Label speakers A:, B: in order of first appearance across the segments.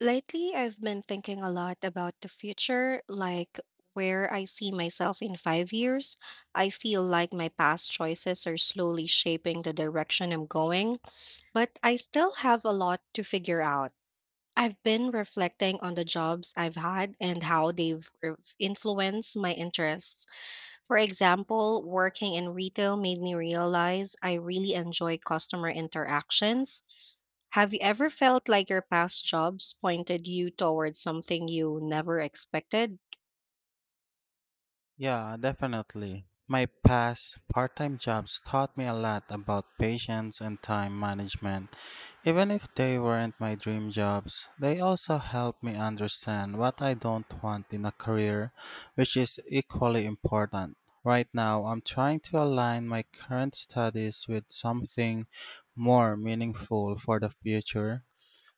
A: Lately, I've been thinking a lot about the future, like where I see myself in 5 years. I feel like my past choices are slowly shaping the direction I'm going, but I still have a lot to figure out. I've been reflecting on the jobs I've had and how they've influenced my interests. For example, working in retail made me realize I really enjoy customer interactions. Have you ever felt like your past jobs pointed you towards something you never expected?
B: Yeah, definitely. My past part time jobs taught me a lot about patience and time management. Even if they weren't my dream jobs, they also helped me understand what I don't want in a career, which is equally important. Right now, I'm trying to align my current studies with something more meaningful for the future.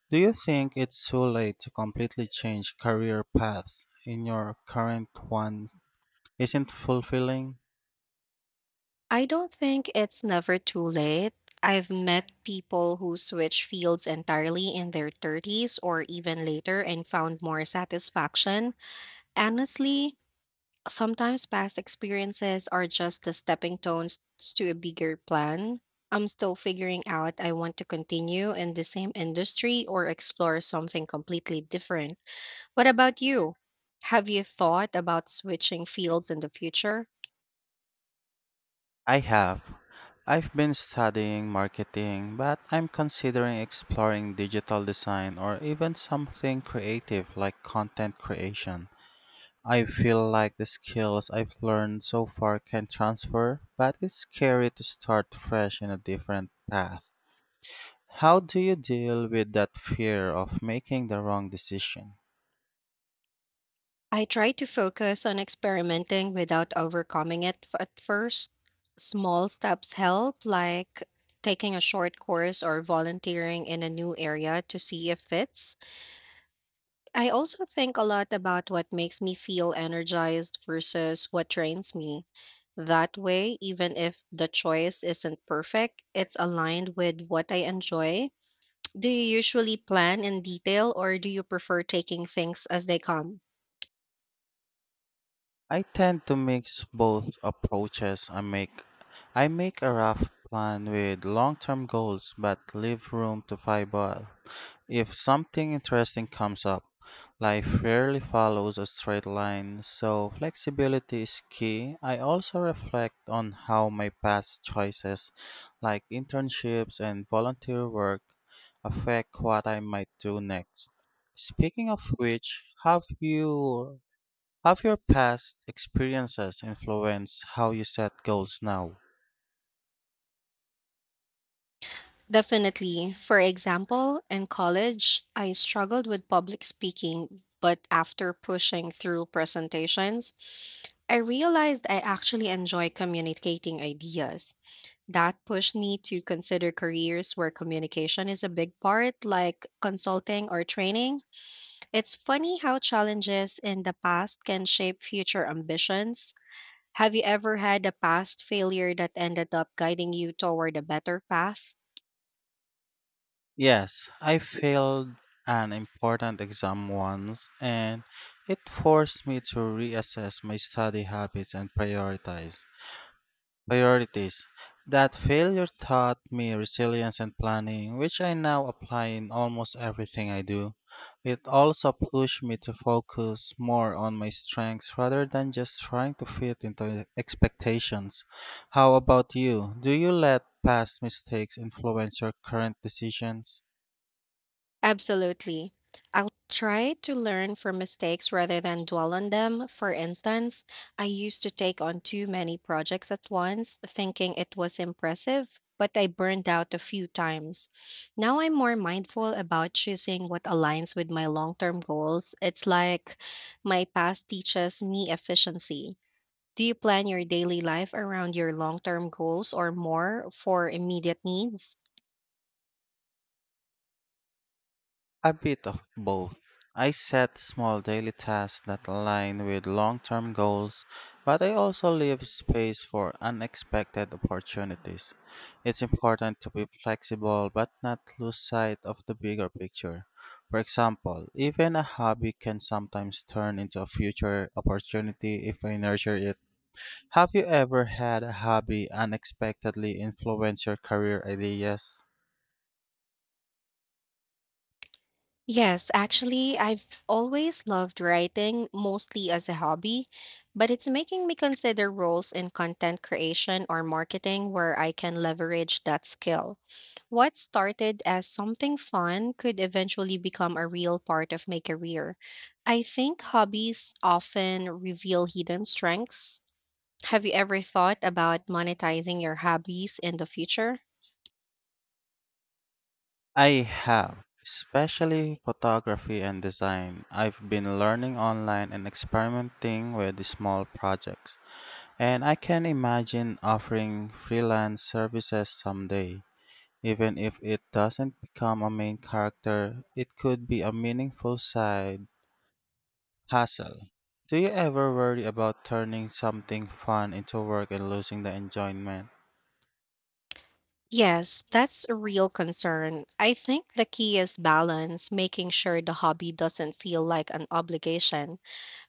B: Do you think it's too late to completely change career paths in your current one isn't fulfilling?
A: I don't think it's never too late. I've met people who switch fields entirely in their 30s or even later and found more satisfaction. Honestly, sometimes past experiences are just the stepping stones to a bigger plan. I'm still figuring out I want to continue in the same industry or explore something completely different. What about you? Have you thought about switching fields in the future?
B: I have. I've been studying marketing, but I'm considering exploring digital design or even something creative like content creation. I feel like the skills I've learned so far can transfer, but it's scary to start fresh in a different path. How do you deal with that fear of making the wrong decision?
A: I try to focus on experimenting without overcoming at first. Small steps help, like taking a short course or volunteering in a new area to see if fits. I also think a lot about what makes me feel energized versus what drains me. That way, even if the choice isn't perfect, it's aligned with what I enjoy. Do you usually plan in detail or do you prefer taking things as they come?
B: I tend to mix both approaches. I make a rough plan with long-term goals but leave room to fireball. If something interesting comes up, life rarely follows a straight line, so flexibility is key. I also reflect on how my past choices, like internships and volunteer work, affect what I might do next. Speaking of which, have your past experiences influenced how you set goals now?
A: Definitely. For example, in college, I struggled with public speaking, but after pushing through presentations, I realized I actually enjoy communicating ideas. That pushed me to consider careers where communication is a big part, like consulting or training. It's funny how challenges in the past can shape future ambitions. Have you ever had a past failure that ended up guiding you toward a better path?
B: Yes, I failed an important exam once and it forced me to reassess my study habits and prioritize. Priorities. That failure taught me resilience and planning, which I now apply in almost everything I do. It also pushed me to focus more on my strengths rather than just trying to fit into expectations. How about you? Do you let past mistakes influence your current decisions?
A: Absolutely. I'll try to learn from mistakes rather than dwell on them. For instance, I used to take on too many projects at once, thinking it was impressive, but I burned out a few times. Now I'm more mindful about choosing what aligns with my long term goals. It's like my past teaches me efficiency. Do you plan your daily life around your long term goals or more for immediate needs?
B: A bit of both. I set small daily tasks that align with long term goals, but I also leave space for unexpected opportunities. It's important to be flexible but not lose sight of the bigger picture. For example, even a hobby can sometimes turn into a future opportunity if I nurture it. Have you ever had a hobby unexpectedly influence your career ideas?
A: Yes, actually, I've always loved writing, mostly as a hobby, but it's making me consider roles in content creation or marketing where I can leverage that skill. What started as something fun could eventually become a real part of my career. I think hobbies often reveal hidden strengths. Have you ever thought about monetizing your hobbies in the future?
B: I have, especially photography and design. I've been learning online and experimenting with small projects, and I can imagine offering freelance services someday. Even if it doesn't become a main character, it could be a meaningful side hustle. Do you ever worry about turning something fun into work and losing the enjoyment?
A: Yes, that's a real concern. I think the key is balance, making sure the hobby doesn't feel like an obligation.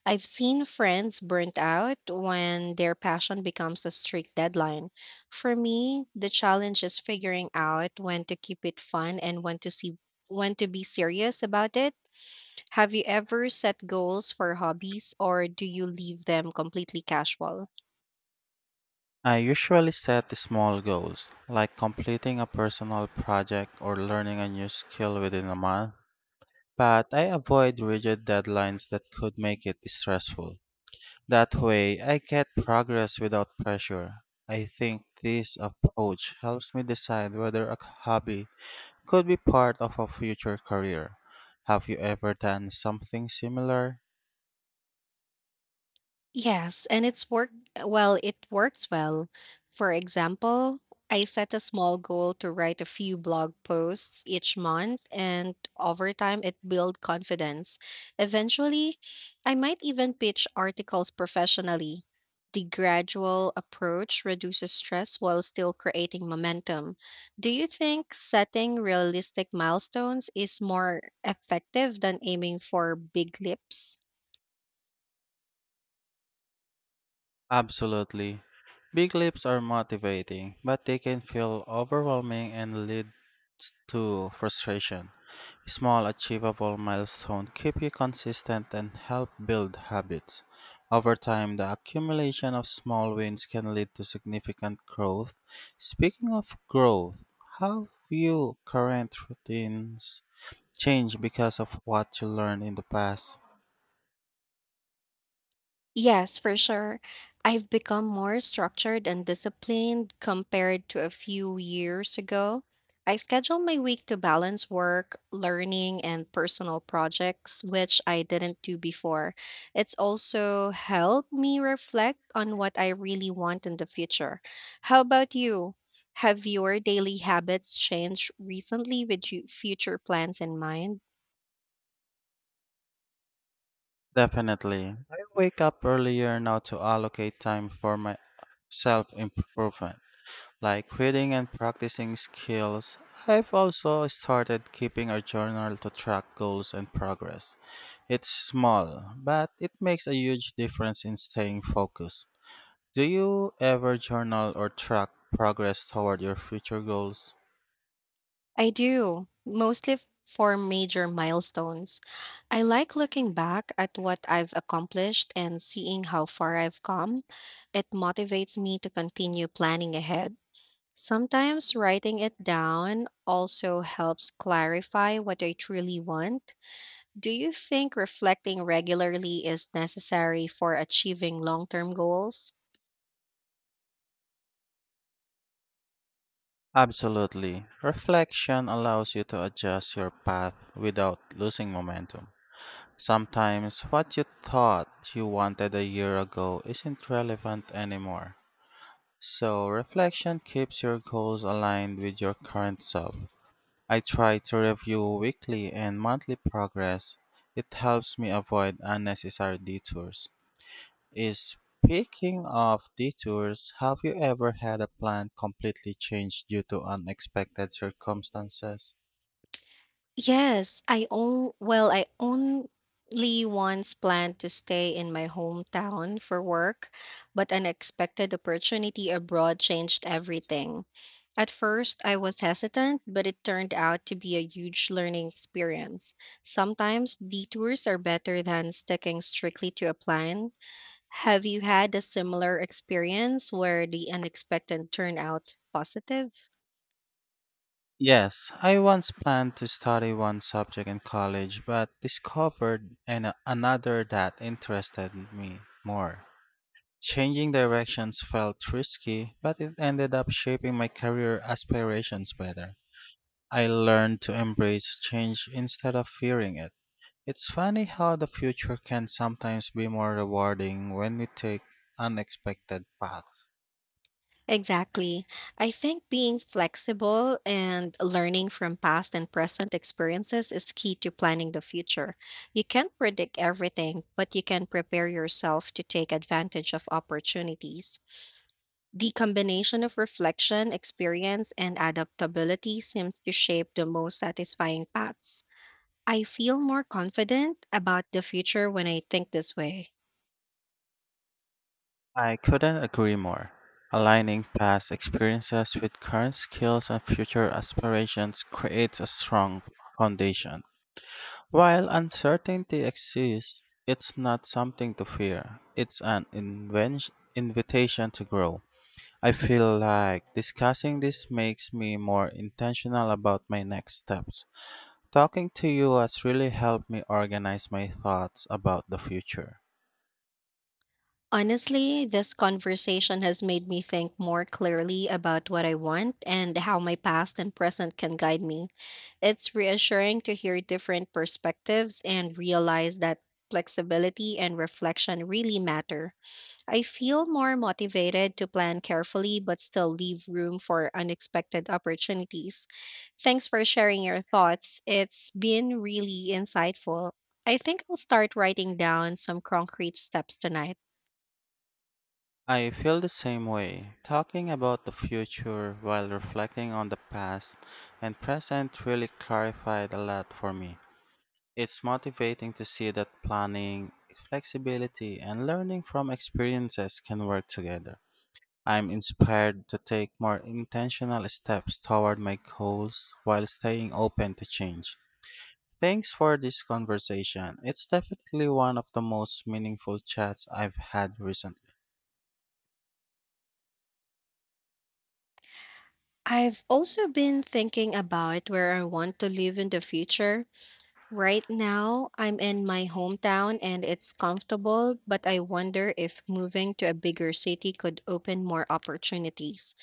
A: I've seen friends burnt out when their passion becomes a strict deadline. For me, the challenge is figuring out when to keep it fun and when to see when to be serious about it. Have you ever set goals for hobbies or do you leave them completely casual?
B: I usually set small goals, like completing a personal project or learning a new skill within a month, but I avoid rigid deadlines that could make it stressful. That way, I get progress without pressure. I think this approach helps me decide whether a hobby could be part of a future career. Have you ever done something similar?
A: Yes, and it works well. For example, I set a small goal to write a few blog posts each month, and over time, it built confidence. Eventually, I might even pitch articles professionally. The gradual approach reduces stress while still creating momentum. Do you think setting realistic milestones is more effective than aiming for big leaps?
B: Absolutely. Big leaps are motivating, but they can feel overwhelming and lead to frustration. Small, achievable milestones keep you consistent and help build habits. Over time, the accumulation of small wins can lead to significant growth. Speaking of growth, how you current routines change because of what you learned in the past?
A: Yes, for sure. I've become more structured and disciplined compared to a few years ago. I schedule my week to balance work, learning, and personal projects, which I didn't do before. It's also helped me reflect on what I really want in the future. How about you? Have your daily habits changed recently with future plans in mind?
B: Definitely. I wake up earlier now to allocate time for my self improvement, like reading and practicing skills. I've also started keeping a journal to track goals and progress. It's small, but it makes a huge difference in staying focused. Do you ever journal or track progress toward your future goals?
A: I do, mostly for major milestones. I like looking back at what I've accomplished and seeing how far I've come. It motivates me to continue planning ahead. Sometimes writing it down also helps clarify what I truly want. Do you think reflecting regularly is necessary for achieving long term goals?
B: Absolutely. Reflection allows you to adjust your path without losing momentum. Sometimes what you thought you wanted a year ago isn't relevant anymore. So, reflection keeps your goals aligned with your current self. I try to review weekly and monthly progress. It helps me avoid unnecessary detours. Is Speaking of detours, have you ever had a plan completely changed due to unexpected circumstances?
A: Yes, I only once planned to stay in my hometown for work, but an unexpected opportunity abroad changed everything. At first, I was hesitant, but it turned out to be a huge learning experience. Sometimes detours are better than sticking strictly to a plan. Have you had a similar experience where the unexpected turned out positive?
B: Yes, I once planned to study one subject in college but discovered another that interested me more. Changing directions felt risky, but it ended up shaping my career aspirations better. I learned to embrace change instead of fearing it. It's funny how the future can sometimes be more rewarding when we take unexpected paths.
A: Exactly. I think being flexible and learning from past and present experiences is key to planning the future. You can't predict everything, but you can prepare yourself to take advantage of opportunities. The combination of reflection, experience, and adaptability seems to shape the most satisfying paths. I feel more confident about the future when I think this way.
B: I couldn't agree more. Aligning past experiences with current skills and future aspirations creates a strong foundation. While uncertainty exists, it's not something to fear, it's an invitation to grow. I feel like discussing this makes me more intentional about my next steps. Talking to you has really helped me organize my thoughts about the future.
A: Honestly, this conversation has made me think more clearly about what I want and how my past and present can guide me. It's reassuring to hear different perspectives and realize that flexibility and reflection really matter. I feel more motivated to plan carefully but still leave room for unexpected opportunities. Thanks for sharing your thoughts. It's been really insightful. I think I'll start writing down some concrete steps tonight.
B: I feel the same way. Talking about the future while reflecting on the past and present really clarified a lot for me. It's motivating to see that planning, flexibility, and learning from experiences can work together. I'm inspired to take more intentional steps toward my goals while staying open to change. Thanks for this conversation. It's definitely one of the most meaningful chats I've had recently.
A: I've also been thinking about where I want to live in the future. Right now, I'm in my hometown and it's comfortable, but I wonder if moving to a bigger city could open more opportunities.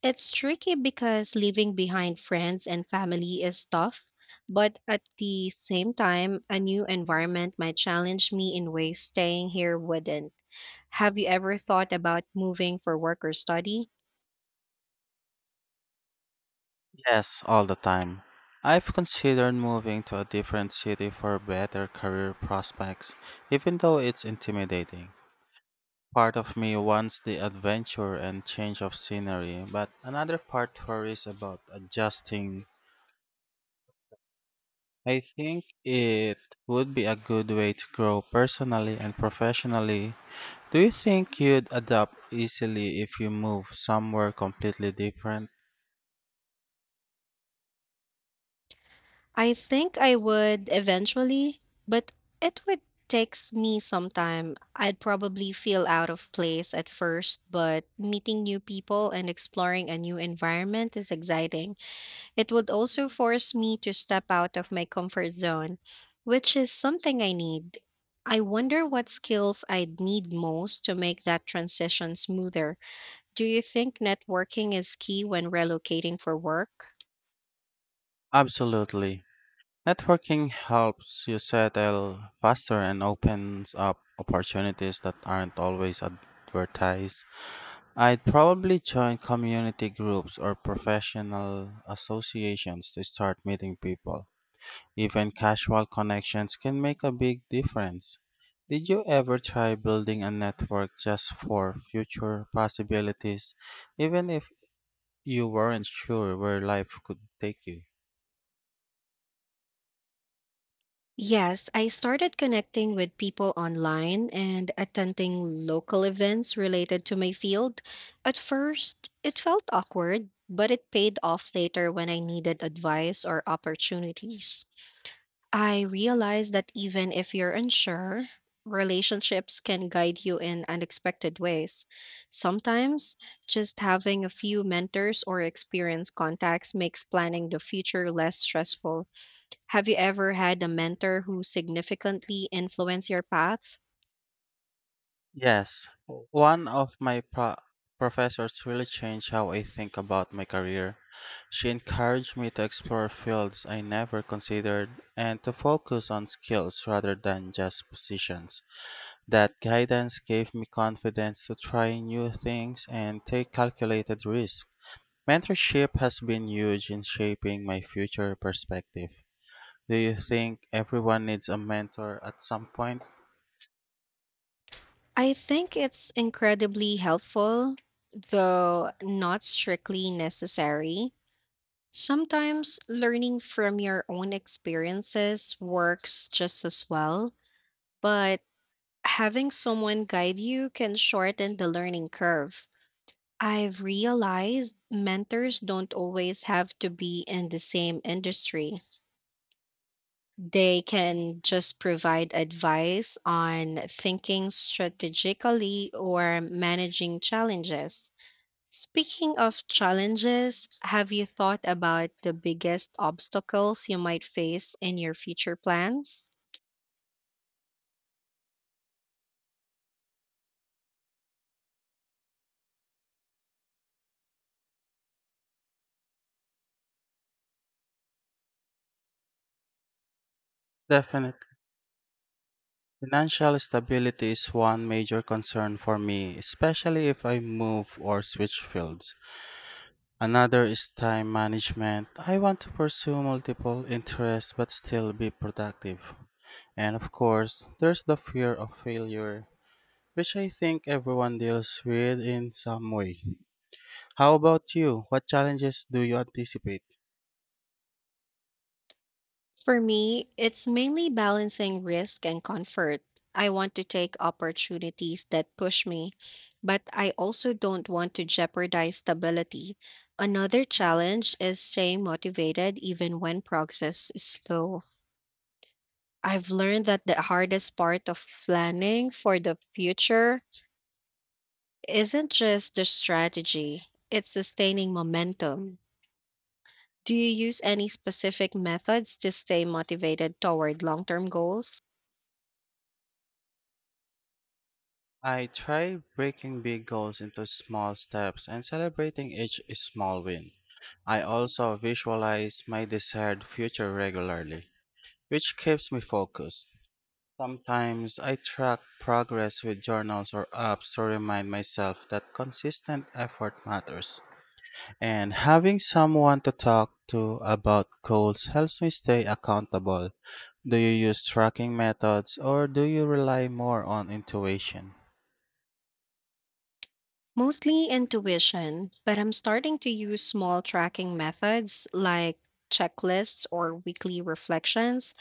A: It's tricky because leaving behind friends and family is tough, but at the same time, a new environment might challenge me in ways staying here wouldn't. Have you ever thought about moving for work or study?
B: Yes, all the time. I've considered moving to a different city for better career prospects, even though it's intimidating. Part of me wants the adventure and change of scenery, but another part worries about adjusting. I think it would be a good way to grow personally and professionally. Do you think you'd adapt easily if you move somewhere completely different?
A: I think I would eventually, but it would takes me some time. I'd probably feel out of place at first, but meeting new people and exploring a new environment is exciting. It would also force me to step out of my comfort zone, which is something I need. I wonder what skills I'd need most to make that transition smoother. Do you think networking is key when relocating for work?
B: Absolutely. Networking helps you settle faster and opens up opportunities that aren't always advertised. I'd probably join community groups or professional associations to start meeting people. Even casual connections can make a big difference. Did you ever try building a network just for future possibilities, even if you weren't sure where life could take you?
A: Yes, I started connecting with people online and attending local events related to my field. At first, it felt awkward, but it paid off later when I needed advice or opportunities. I realized that even if you're unsure, relationships can guide you in unexpected ways. Sometimes, just having a few mentors or experienced contacts makes planning the future less stressful. Have you ever had a mentor who significantly influenced your path?
B: Yes. One of my professors really changed how I think about my career. She encouraged me to explore fields I never considered and to focus on skills rather than just positions. That guidance gave me confidence to try new things and take calculated risks. Mentorship has been huge in shaping my future perspective. Do you think everyone needs a mentor at some point?
A: I think it's incredibly helpful, though not strictly necessary. Sometimes learning from your own experiences works just as well, but having someone guide you can shorten the learning curve. I've realized mentors don't always have to be in the same industry. They can just provide advice on thinking strategically or managing challenges. Speaking of challenges, have you thought about the biggest obstacles you might face in your future plans?
B: Definitely. Financial stability is one major concern for me, especially if I move or switch fields. Another is time management. I want to pursue multiple interests but still be productive. And of course, there's the fear of failure, which I think everyone deals with in some way. How about you? What challenges do you anticipate?
A: For me, it's mainly balancing risk and comfort. I want to take opportunities that push me, but I also don't want to jeopardize stability. Another challenge is staying motivated even when progress is slow. I've learned that the hardest part of planning for the future isn't just the strategy, it's sustaining momentum. Do you use any specific methods to stay motivated toward long term goals?
B: I try breaking big goals into small steps and celebrating each small win. I also visualize my desired future regularly, which keeps me focused. Sometimes I track progress with journals or apps to remind myself that consistent effort matters. And having someone to talk to about goals helps me stay accountable. Do you use tracking methods or do you rely more on intuition?
A: Mostly intuition, but I'm starting to use small tracking methods like checklists or weekly reflections.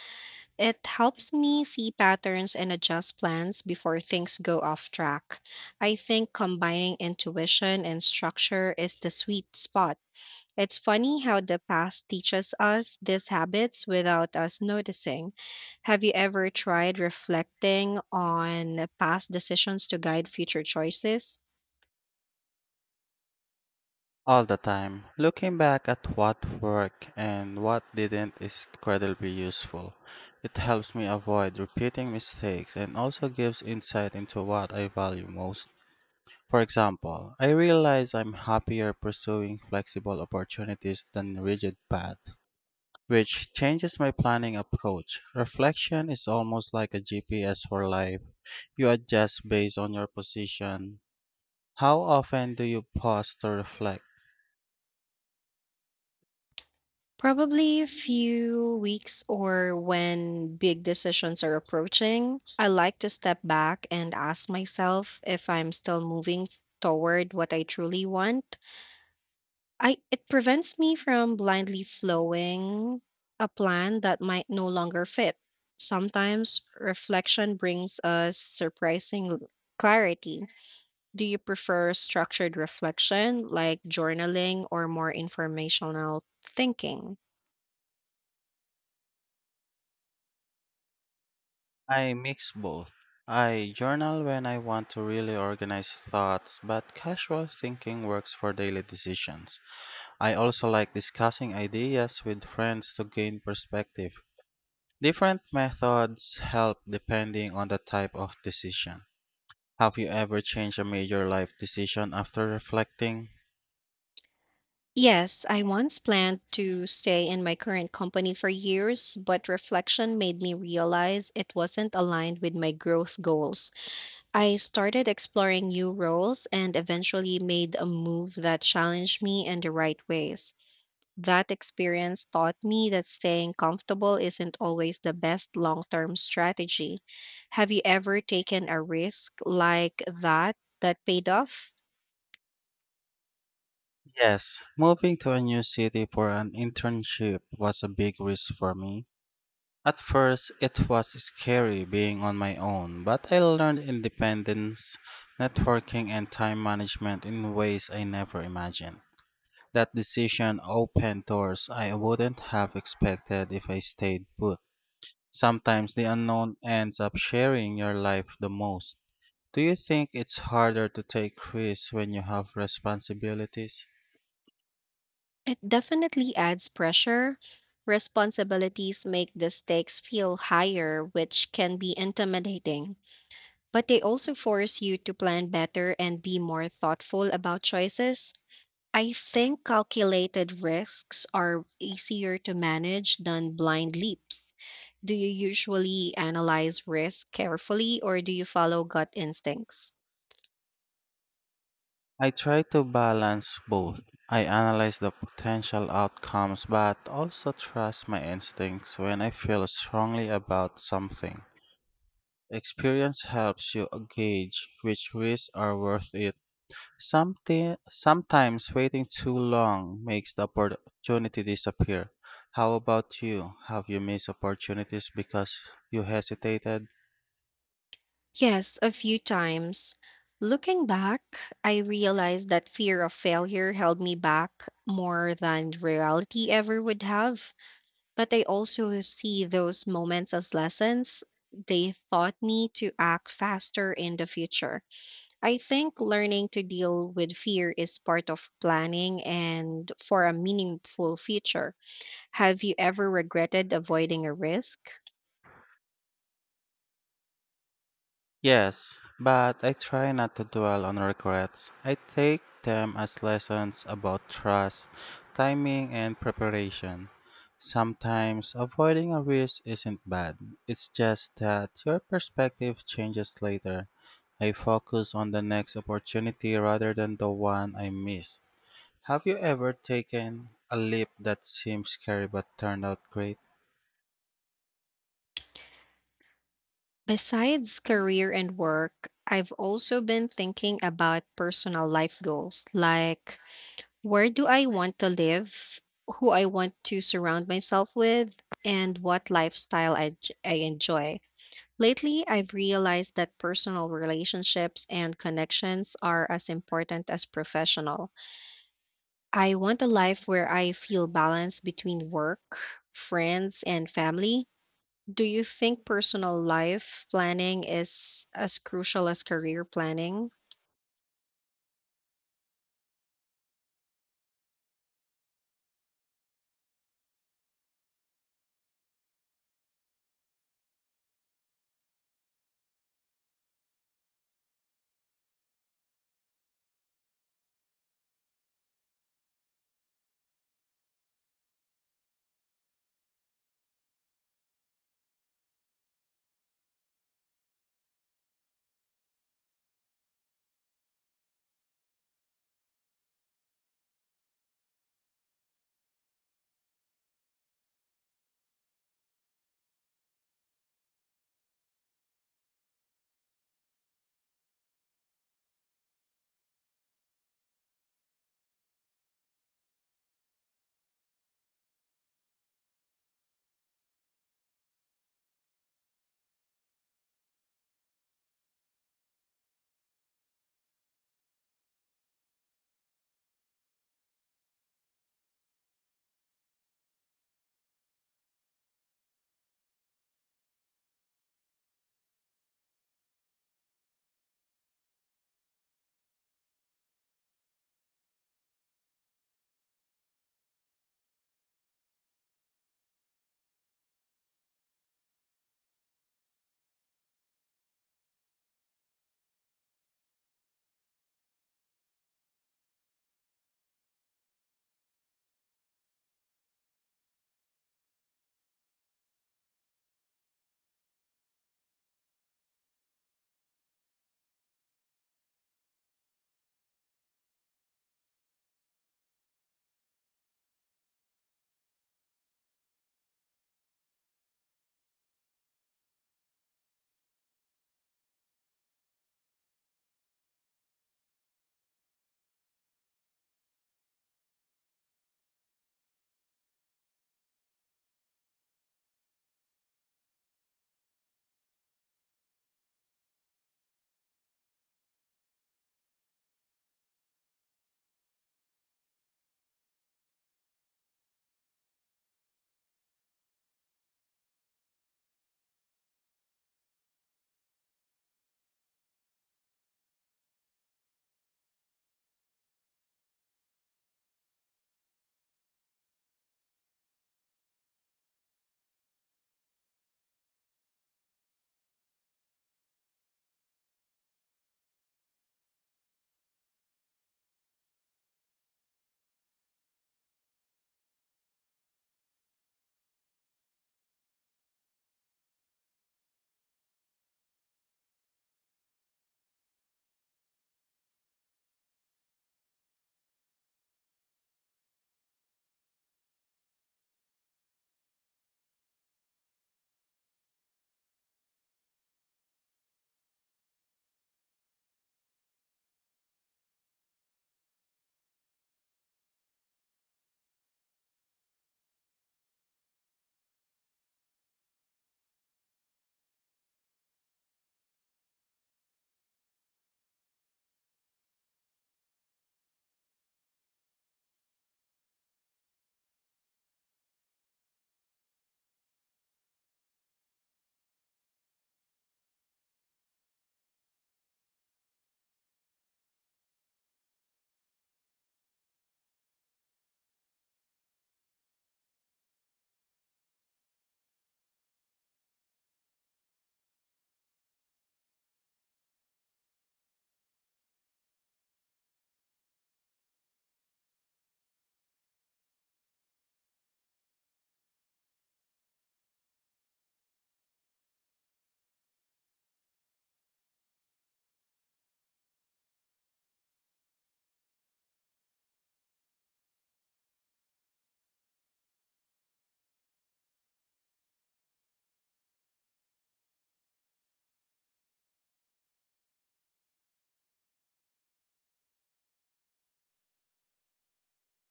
A: It helps me see patterns and adjust plans before things go off track. I think combining intuition and structure is the sweet spot. It's funny how the past teaches us these habits without us noticing. Have you ever tried reflecting on past decisions to guide future choices?
B: All the time. Looking back at what worked and what didn't is incredibly useful. It helps me avoid repeating mistakes and also gives insight into what I value most. For example, I realize I'm happier pursuing flexible opportunities than rigid paths, which changes my planning approach. Reflection is almost like a GPS for life. You adjust based on your position. How often do you pause to reflect?
A: Probably a few weeks or when big decisions are approaching, I like to step back and ask myself if I'm still moving toward what I truly want. I it prevents me from blindly flowing a plan that might no longer fit. Sometimes reflection brings us surprising clarity. Do you prefer structured reflection like journaling or more informational thinking?
B: I mix both. I journal when I want to really organize thoughts, but casual thinking works for daily decisions. I also like discussing ideas with friends to gain perspective. Different methods help depending on the type of decision. Have you ever changed a major life decision after reflecting?
A: Yes, I once planned to stay in my current company for years, but reflection made me realize it wasn't aligned with my growth goals. I started exploring new roles and eventually made a move that challenged me in the right ways. That experience taught me that staying comfortable isn't always the best long term strategy. Have you ever taken a risk like that paid off?
B: Yes, moving to a new city for an internship was a big risk for me. At first, it was scary being on my own, but I learned independence, networking, and time management in ways I never imagined. That decision opened doors I wouldn't have expected if I stayed put. Sometimes the unknown ends up sharing your life the most. Do you think it's harder to take risks when you have responsibilities?
A: It definitely adds pressure. Responsibilities make the stakes feel higher, which can be intimidating, but they also force you to plan better and be more thoughtful about choices. I think calculated risks are easier to manage than blind leaps. Do you usually analyze risk carefully or do you follow gut instincts?
B: I try to balance both. I analyze the potential outcomes but also trust my instincts when I feel strongly about something. Experience helps you gauge which risks are worth it. Sometimes waiting too long makes the opportunity disappear. How about you? Have you missed opportunities because you hesitated?
A: Yes, a few times. Looking back, I realized that fear of failure held me back more than reality ever would have. But I also see those moments as lessons. They taught me to act faster in the future. I think learning to deal with fear is part of planning and for a meaningful future. Have you ever regretted avoiding a risk?
B: Yes, but I try not to dwell on regrets. I take them as lessons about trust, timing, and preparation. Sometimes avoiding a risk isn't bad. It's just that your perspective changes later. I focus on the next opportunity rather than the one I missed. Have you ever taken a leap that seemed scary but turned out great?
A: Besides career and work, I've also been thinking about personal life goals like where do I want to live, who I want to surround myself with, and what lifestyle I enjoy. Lately, I've realized that personal relationships and connections are as important as professional. I want a life where I feel balance between work, friends, and family. Do you think personal life planning is as crucial as career planning?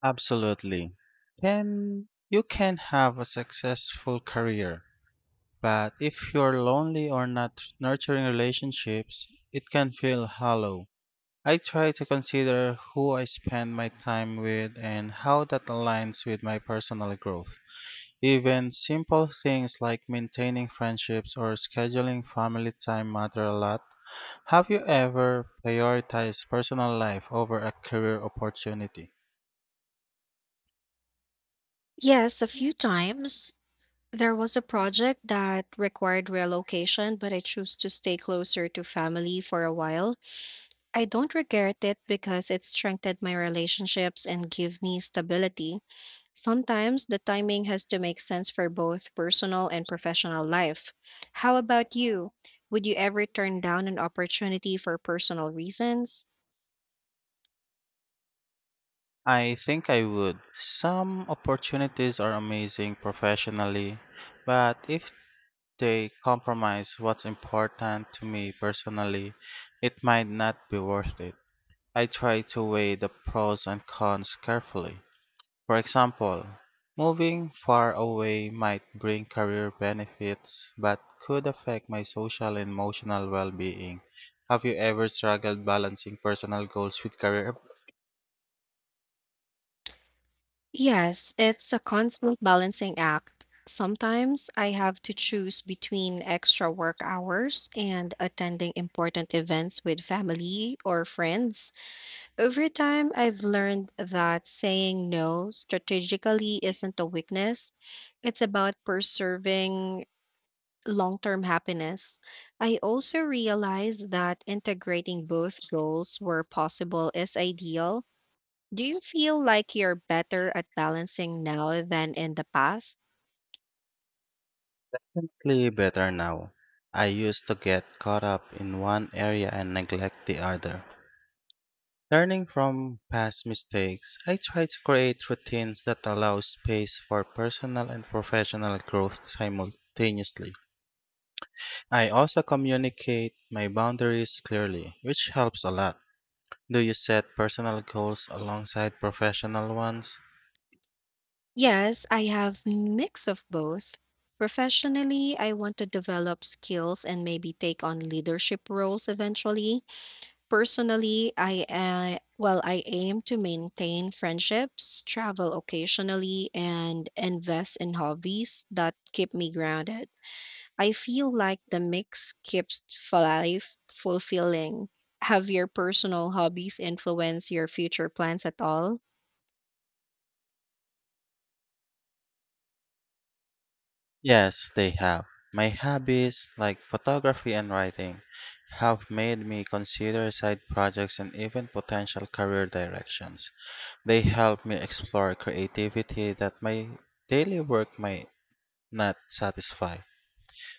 B: Absolutely. Then you can have a successful career. But if you're lonely or not nurturing relationships, it can feel hollow. I try to consider who I spend my time with and how that aligns with my personal growth. Even simple things like maintaining friendships or scheduling family time matter a lot. Have you ever prioritized personal life over a career opportunity?
A: Yes, a few times. There was a project that required relocation, but I chose to stay closer to family for a while. I don't regret it because it strengthened my relationships and gave me stability. Sometimes the timing has to make sense for both personal and professional life. How about you? Would you ever turn down an opportunity for personal reasons?
B: I think I would. Some opportunities are amazing professionally, but if they compromise what's important to me personally, it might not be worth it. I try to weigh the pros and cons carefully. For example, moving far away might bring career benefits but could affect my social and emotional well being. Have you ever struggled balancing personal goals with career?
A: Yes, it's a constant balancing act. Sometimes I have to choose between extra work hours and attending important events with family or friends. Over time, I've learned that saying no strategically isn't a weakness, it's about preserving long term happiness. I also realized that integrating both goals where possible is ideal. Do you feel like you're better at balancing now than in the past?
B: Definitely better now. I used to get caught up in one area and neglect the other. Learning from past mistakes, I try to create routines that allow space for personal and professional growth simultaneously. I also communicate my boundaries clearly, which helps a lot. Do you set personal goals alongside professional ones?
A: Yes, I have mix of both. Professionally, I want to develop skills and maybe take on leadership roles eventually. Personally, I aim to maintain friendships, travel occasionally, and invest in hobbies that keep me grounded. I feel like the mix keeps life fulfilling. Have your personal hobbies influence your future plans at all?
B: Yes, they have. My hobbies, like photography and writing, have made me consider side projects and even potential career directions. They help me explore creativity that my daily work might not satisfy.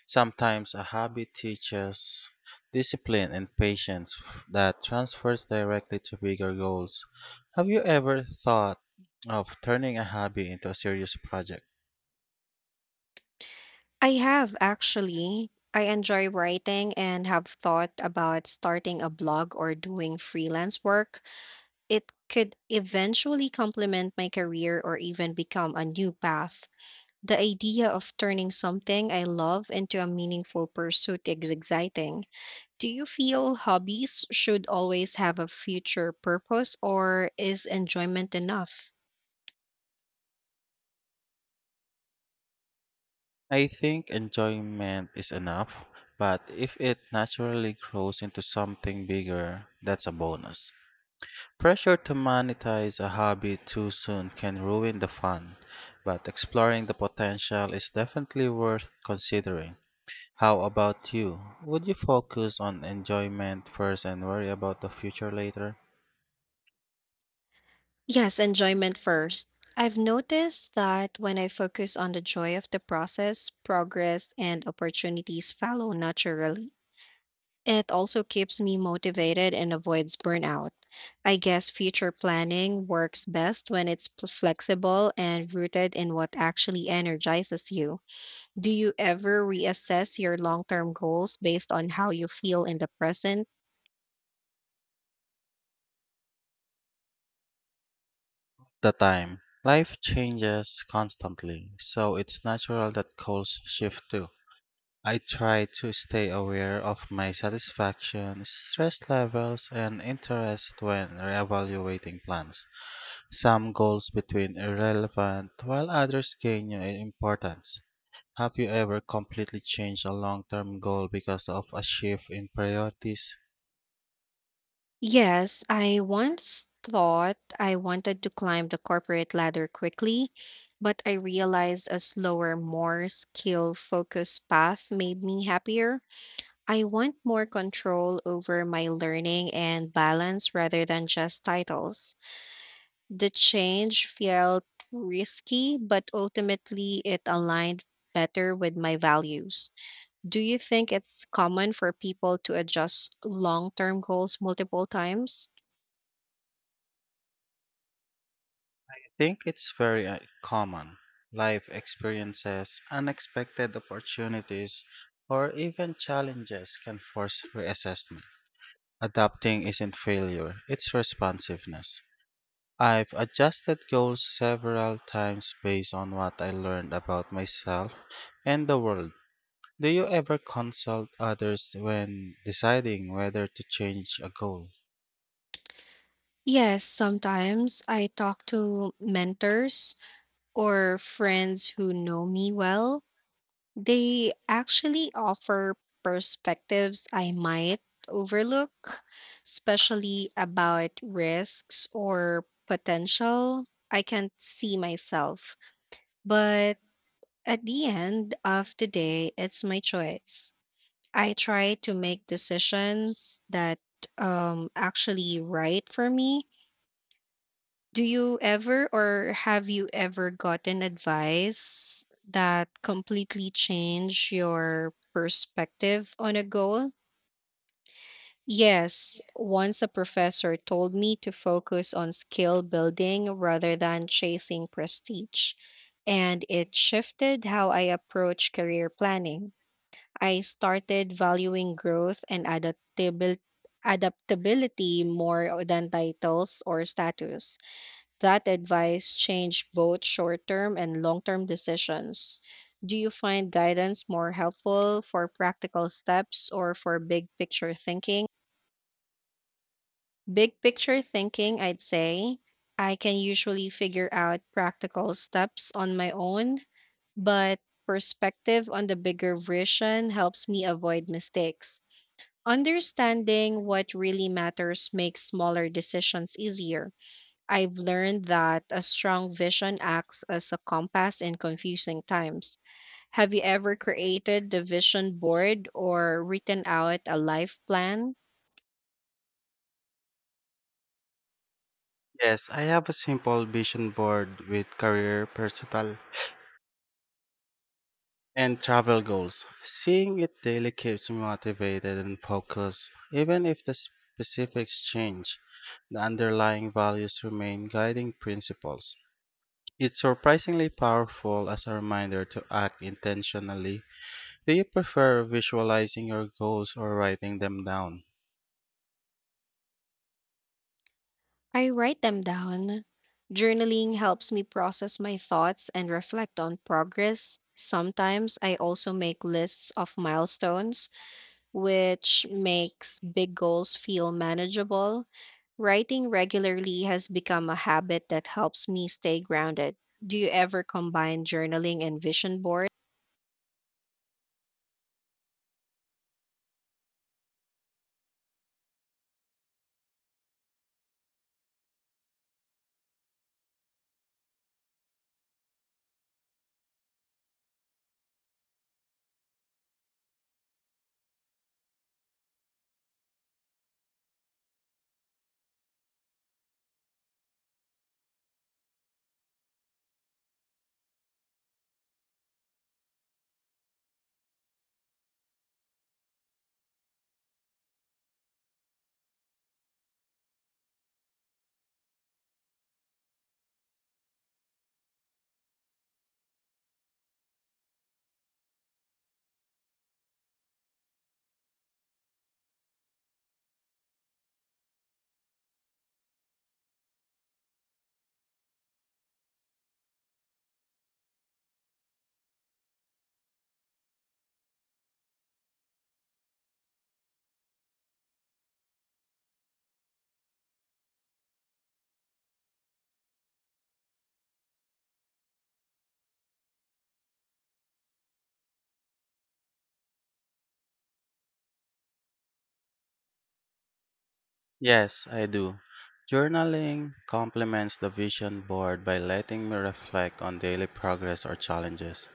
B: Sometimes a hobby teaches discipline and patience that transfers directly to bigger goals. Have you ever thought of turning a hobby into a serious project?
A: I have actually. I enjoy writing and have thought about starting a blog or doing freelance work. It could eventually complement my career or even become a new path. The idea of turning something I love into a meaningful pursuit is exciting. Do you feel hobbies should always have a future purpose or is enjoyment enough?
B: I think enjoyment is enough, but if it naturally grows into something bigger, that's a bonus. Pressure to monetize a hobby too soon can ruin the fun, but exploring the potential is definitely worth considering. How about you? Would you focus on enjoyment first and worry about the future later?
A: Yes, enjoyment first. I've noticed that when I focus on the joy of the process, progress and opportunities follow naturally. It also keeps me motivated and avoids burnout. I guess future planning works best when it's flexible and rooted in what actually energizes you. Do you ever reassess your long term goals based on how you feel in the present?
B: The time. Life changes constantly, so it's natural that goals shift too. I try to stay aware of my satisfaction, stress levels, and interest when reevaluating plans. Some goals between irrelevant while others gain new importance. Have you ever completely changed a long term goal because of a shift in priorities?
A: Yes, I once thought I wanted to climb the corporate ladder quickly, but I realized a slower, more skill focused path made me happier. I want more control over my learning and balance rather than just titles. The change felt risky, but ultimately it aligned better with my values. Do you think it's common for people to adjust long term goals multiple times?
B: I think it's very common. Life experiences, unexpected opportunities, or even challenges can force reassessment. Adapting isn't failure, it's responsiveness. I've adjusted goals several times based on what I learned about myself and the world. Do you ever consult others when deciding whether to change a goal?
A: Yes, sometimes I talk to mentors or friends who know me well. They actually offer perspectives I might overlook, especially about risks or potential I can't see myself. But at the end of the day, it's my choice. I try to make decisions that actually right for me. Do you ever or have you ever gotten advice that completely changed your perspective on a goal? Yes, once a professor told me to focus on skill building rather than chasing prestige, and it shifted how I approach career planning. I started valuing growth and adaptability more than titles or status. That advice changed both short term and long term decisions. Do you find guidance more helpful for practical steps or for big picture thinking? Big picture thinking, I'd say I can usually figure out practical steps on my own, but perspective on the bigger vision helps me avoid mistakes. Understanding what really matters makes smaller decisions easier. I've learned that a strong vision acts as a compass in confusing times. Have you ever created the vision board or written out a life plan?
B: Yes, I have a simple vision board with career, personal, and travel goals. Seeing it daily keeps me motivated and focused. Even if the specifics change, the underlying values remain guiding principles. It's surprisingly powerful as a reminder to act intentionally. Do you prefer visualizing your goals or writing them down?
A: I write them down. Journaling helps me process my thoughts and reflect on progress. Sometimes I also make lists of milestones which makes big goals feel manageable. Writing regularly has become a habit that helps me stay grounded. Do you ever combine journaling and vision board?
B: Yes, I do. Journaling complements the vision board by letting me reflect on daily progress or challenges.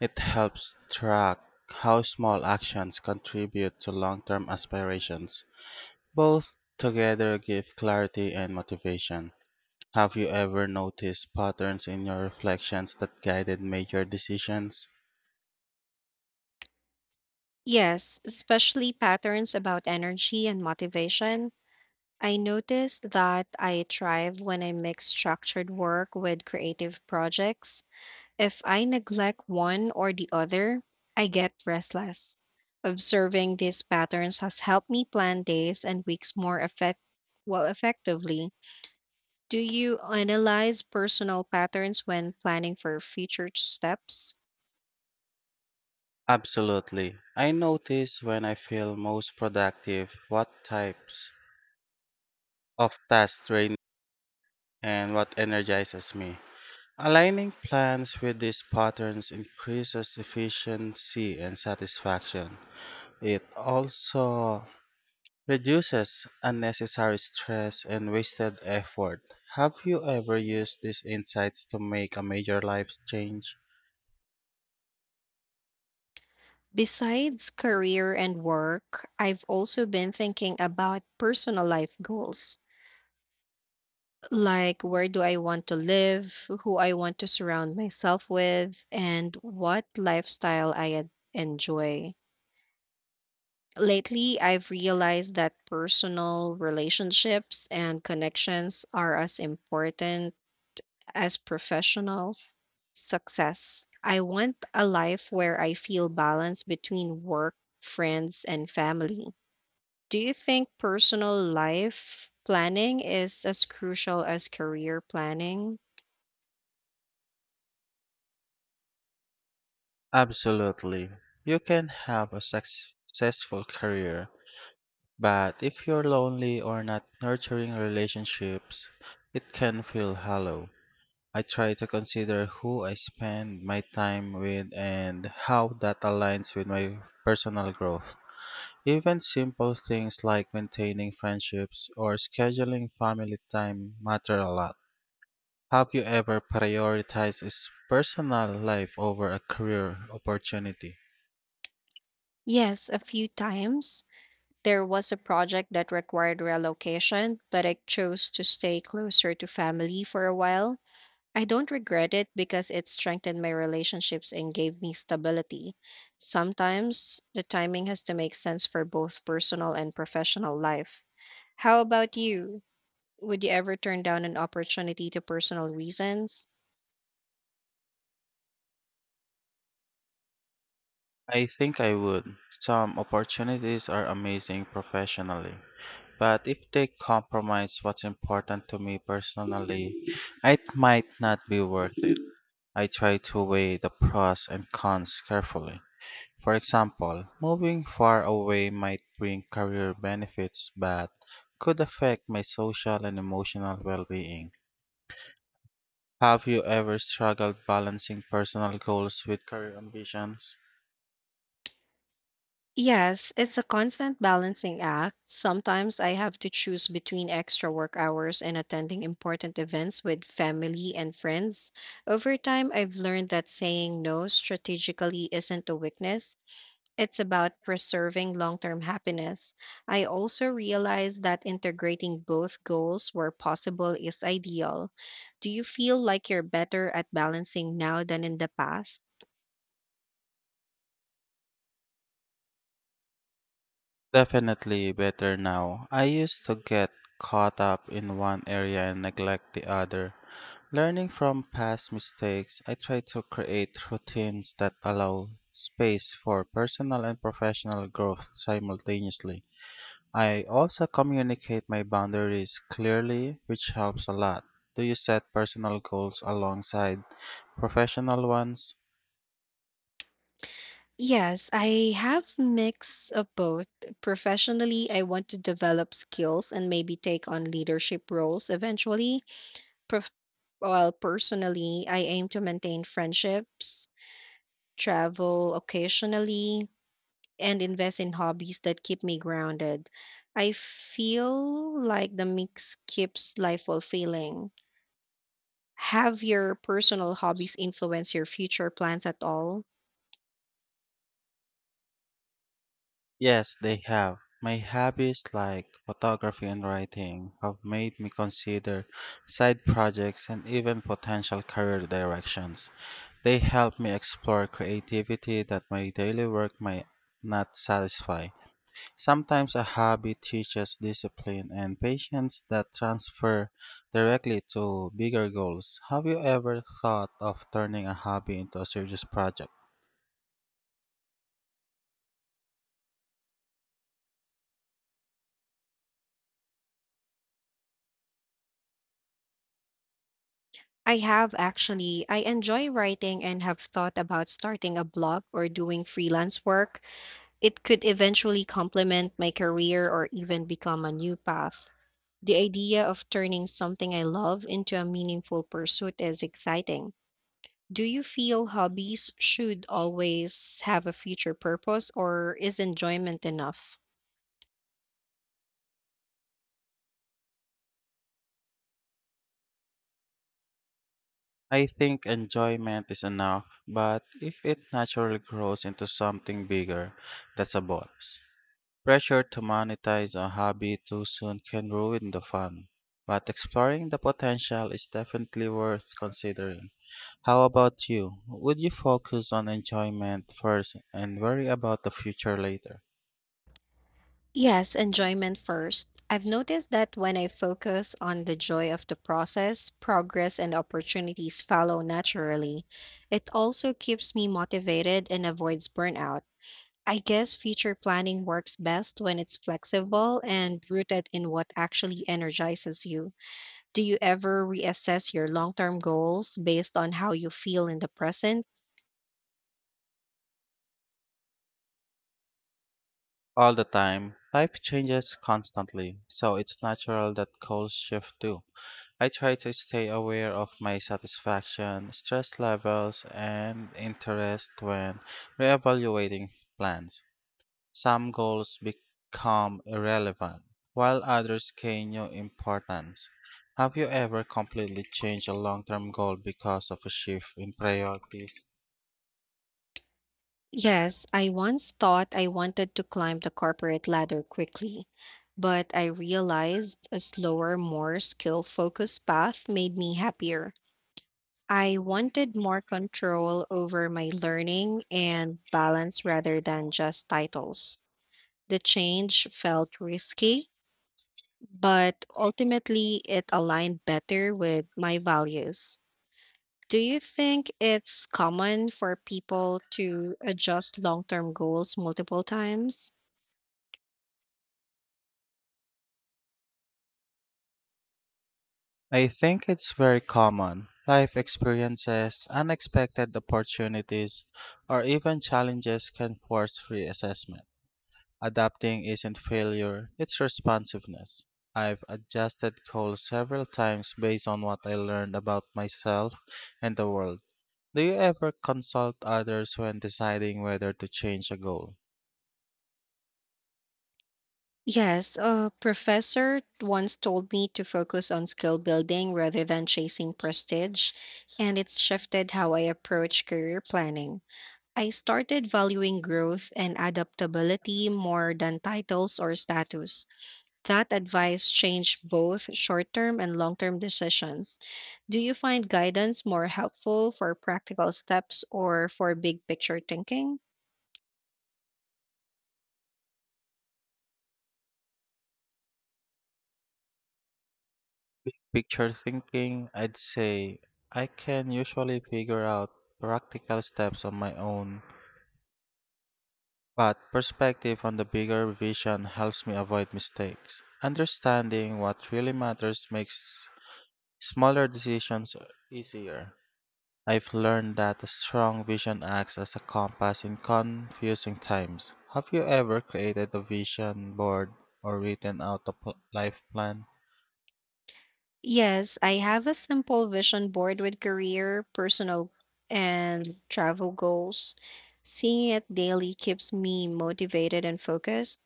B: It helps track how small actions contribute to long term aspirations. Both together give clarity and motivation. Have you ever noticed patterns in your reflections that guided major decisions?
A: Yes, especially patterns about energy and motivation. I noticed that I thrive when I mix structured work with creative projects. If I neglect one or the other, I get restless. Observing these patterns has helped me plan days and weeks more effectively. Do you analyze personal patterns when planning for future steps?
B: Absolutely. I notice when I feel most productive what types of tasks drain and what energizes me. Aligning plans with these patterns increases efficiency and satisfaction. It also reduces unnecessary stress and wasted effort. Have you ever used these insights to make a major life change?
A: Besides career and work, I've also been thinking about personal life goals. Like, where do I want to live, who I want to surround myself with, and what lifestyle enjoy. Lately, I've realized that personal relationships and connections are as important as professional success. I want a life where I feel balance between work, friends, and family. Do you think personal life planning is as crucial as career planning?
B: Absolutely. You can have a successful career, but if you're lonely or not nurturing relationships, it can feel hollow. I try to consider who I spend my time with and how that aligns with my personal growth. Even simple things like maintaining friendships or scheduling family time matter a lot. Have you ever prioritized personal life over a career opportunity?
A: Yes, a few times. There was a project that required relocation, but I chose to stay closer to family for a while. I don't regret it because it strengthened my relationships and gave me stability. Sometimes the timing has to make sense for both personal and professional life. How about you? Would you ever turn down an opportunity to personal reasons?
B: I think I would. Some opportunities are amazing professionally, but if they compromise what's important to me personally, it might not be worth I try to weigh the pros and cons carefully. For example, moving far away might bring career benefits but could affect my social and emotional well being. Have you ever struggled balancing personal goals with career ambitions?
A: Yes, it's a constant balancing act. Sometimes I have to choose between extra work hours and attending important events with family and friends. Over time, I've learned that saying no strategically isn't a weakness. It's about preserving long term happiness. I also realized that integrating both goals where possible is ideal. Do you feel like you're better at balancing now than in the past?
B: Definitely better now. I used to get caught up in one area and neglect the other. Learning from past mistakes, I try to create routines that allow space for personal and professional growth simultaneously. I also communicate my boundaries clearly, which helps a lot. Do you set personal goals alongside professional ones?
A: Yes, I have mix of both. Professionally, I want to develop skills and maybe take on leadership roles eventually. Prof- while personally, I aim to maintain friendships, travel occasionally, and invest in hobbies that keep me grounded. I feel like the mix keeps life fulfilling. Have your personal hobbies influence your future plans at all?
B: Yes, they have. My hobbies like photography and writing have made me consider side projects and even potential career directions. They help me explore creativity that my daily work might not satisfy. Sometimes a hobby teaches discipline and patience that transfer directly to bigger goals. Have you ever thought of turning a hobby into a serious project?
A: I have actually. I enjoy writing and have thought about starting a blog or doing freelance work. It could eventually complement my career or even become a new path. The idea of turning something I love into a meaningful pursuit is exciting. Do you feel hobbies should always have a future purpose or is enjoyment enough?
B: I think enjoyment is enough, but if it naturally grows into something bigger, that's a bonus. Pressure to monetize a hobby too soon can ruin the fun, but exploring the potential is definitely worth considering. How about you? Would you focus on enjoyment first and worry about the future later?
A: Yes, enjoyment first. I've noticed that when I focus on the joy of the process, progress and opportunities follow naturally. It also keeps me motivated and avoids burnout. I guess future planning works best when it's flexible and rooted in what actually energizes you. Do you ever reassess your long term goals based on how you feel in the present?
B: All the time, life changes constantly, so it's natural that goals shift too. I try to stay aware of my satisfaction, stress levels, and interest when reevaluating plans. Some goals become irrelevant, while others gain new importance. Have you ever completely changed a long term goal because of a shift in priorities?
A: Yes, I once thought I wanted to climb the corporate ladder quickly, but I realized a slower, more skill focused path made me happier. I wanted more control over my learning and balance rather than just titles. The change felt risky, but ultimately it aligned better with my values. Do you think it's common for people to adjust long term goals multiple times?
B: I think it's very common. Life experiences, unexpected opportunities, or even challenges can force reassessment. Adapting isn't failure, it's responsiveness. I've adjusted goals several times based on what I learned about myself and the world. Do you ever consult others when deciding whether to change a goal?
A: Yes, a professor once told me to focus on skill building rather than chasing prestige, and it's shifted how I approach career planning. I started valuing growth and adaptability more than titles or status. That advice changed both short term and long term decisions. Do you find guidance more helpful for practical steps or for big picture thinking?
B: Picture thinking, I'd say I can usually figure out practical steps on my own, but perspective on the bigger vision helps me avoid mistakes. Understanding what really matters makes smaller decisions easier. I've learned that a strong vision acts as a compass in confusing times. Have you ever created a vision board or written out a life plan?
A: Yes, I have a simple vision board with career, personal, and travel goals. Seeing it daily keeps me motivated and focused.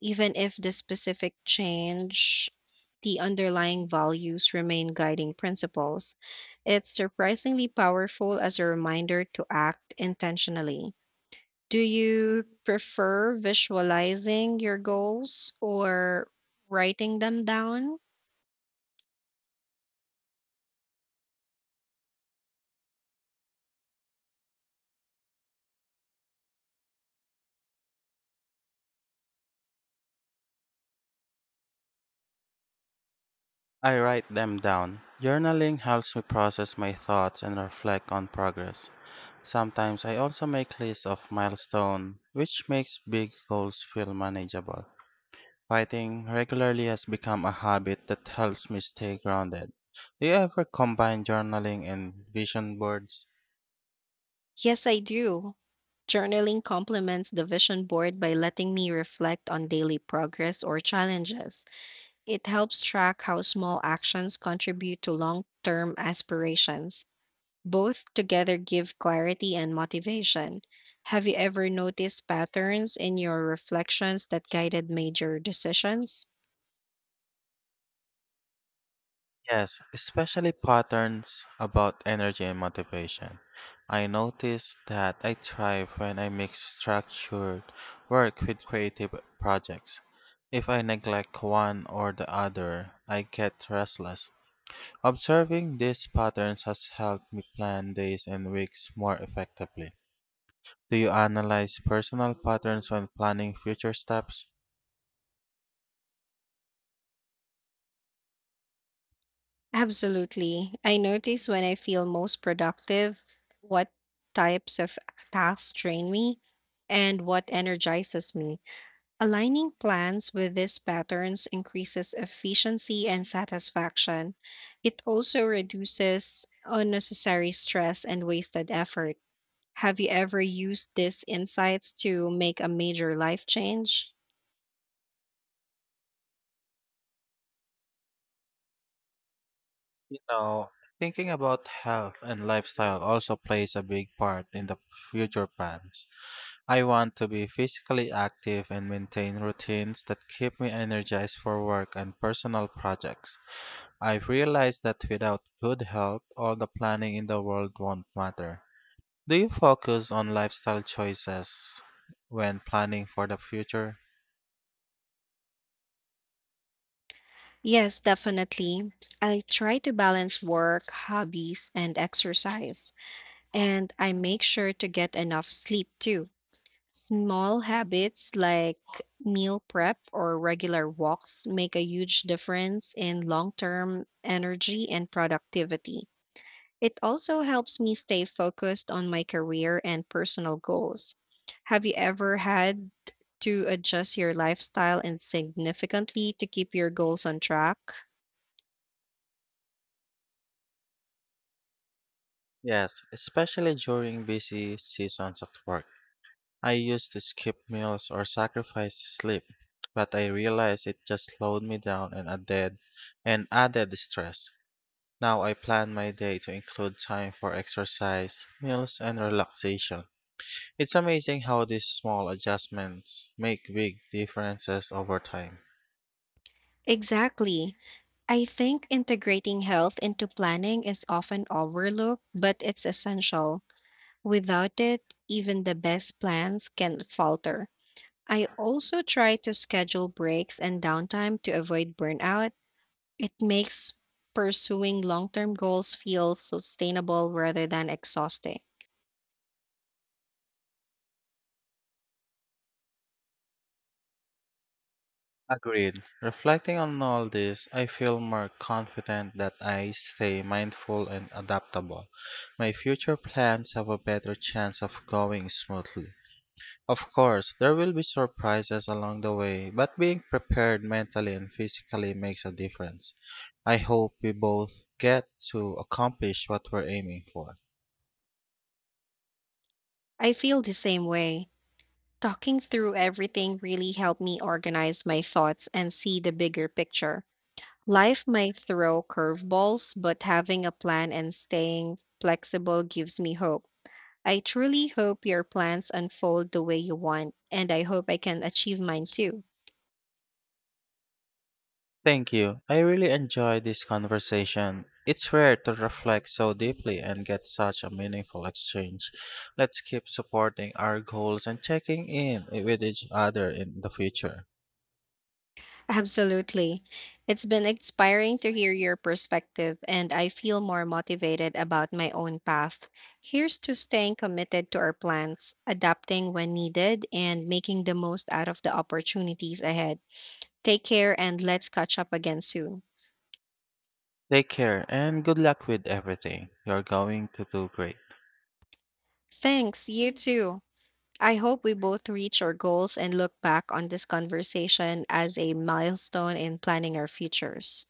A: Even if the specific change, the underlying values remain guiding principles. It's surprisingly powerful as a reminder to act intentionally. Do you prefer visualizing your goals or writing them down?
B: I write them down. Journaling helps me process my thoughts and reflect on progress. Sometimes I also make lists of milestones, which makes big goals feel manageable. Writing regularly has become a habit that helps me stay grounded. Do you ever combine journaling and vision boards?
A: Yes, I do. Journaling complements the vision board by letting me reflect on daily progress or challenges. It helps track how small actions contribute to long term aspirations. Both together give clarity and motivation. Have you ever noticed patterns in your reflections that guided major decisions?
B: Yes, especially patterns about energy and motivation. I notice that I thrive when I mix structured work with creative projects. If I neglect one or the other, I get restless. Observing these patterns has helped me plan days and weeks more effectively. Do you analyze personal patterns when planning future steps?
A: Absolutely. I notice when I feel most productive, what types of tasks drain me, and what energizes me. Aligning plans with these patterns increases efficiency and satisfaction. It also reduces unnecessary stress and wasted effort. Have you ever used these insights to make a major life change?
B: You know, thinking about health and lifestyle also plays a big part in the future plans. I want to be physically active and maintain routines that keep me energized for work and personal projects. I've realized that without good health, all the planning in the world won't matter. Do you focus on lifestyle choices when planning for the future?
A: Yes, definitely. I try to balance work, hobbies, and exercise, and I make sure to get enough sleep too. Small habits like meal prep or regular walks make a huge difference in long term energy and productivity. It also helps me stay focused on my career and personal goals. Have you ever had to adjust your lifestyle and significantly to keep your goals on track?
B: Yes, especially during busy seasons at work. I used to skip meals or sacrifice sleep, but I realized it just slowed me down and added stress. Now I plan my day to include time for exercise, meals, and relaxation. It's amazing how these small adjustments make big differences over time.
A: Exactly. I think integrating health into planning is often overlooked, but it's essential. Without it, even the best plans can falter. I also try to schedule breaks and downtime to avoid burnout. It makes pursuing long term goals feel sustainable rather than exhausting.
B: Agreed. Reflecting on all this, I feel more confident that I stay mindful and adaptable. My future plans have a better chance of going smoothly. Of course, there will be surprises along the way, but being prepared mentally and physically makes a difference. I hope we both get to accomplish what we're aiming for.
A: I feel the same way. Talking through everything really helped me organize my thoughts and see the bigger picture. Life might throw curveballs, but having a plan and staying flexible gives me hope. I truly hope your plans unfold the way you want, and I hope I can achieve mine too.
B: Thank you. I really enjoyed this conversation. It's rare to reflect so deeply and get such a meaningful exchange. Let's keep supporting our goals and checking in with each other in the future.
A: Absolutely. It's been inspiring to hear your perspective, and I feel more motivated about my own path. Here's to staying committed to our plans, adapting when needed, and making the most out of the opportunities ahead. Take care, and let's catch up again soon.
B: Take care and good luck with everything. You're going to do great.
A: Thanks, you too. I hope we both reach our goals and look back on this conversation as a milestone in planning our futures.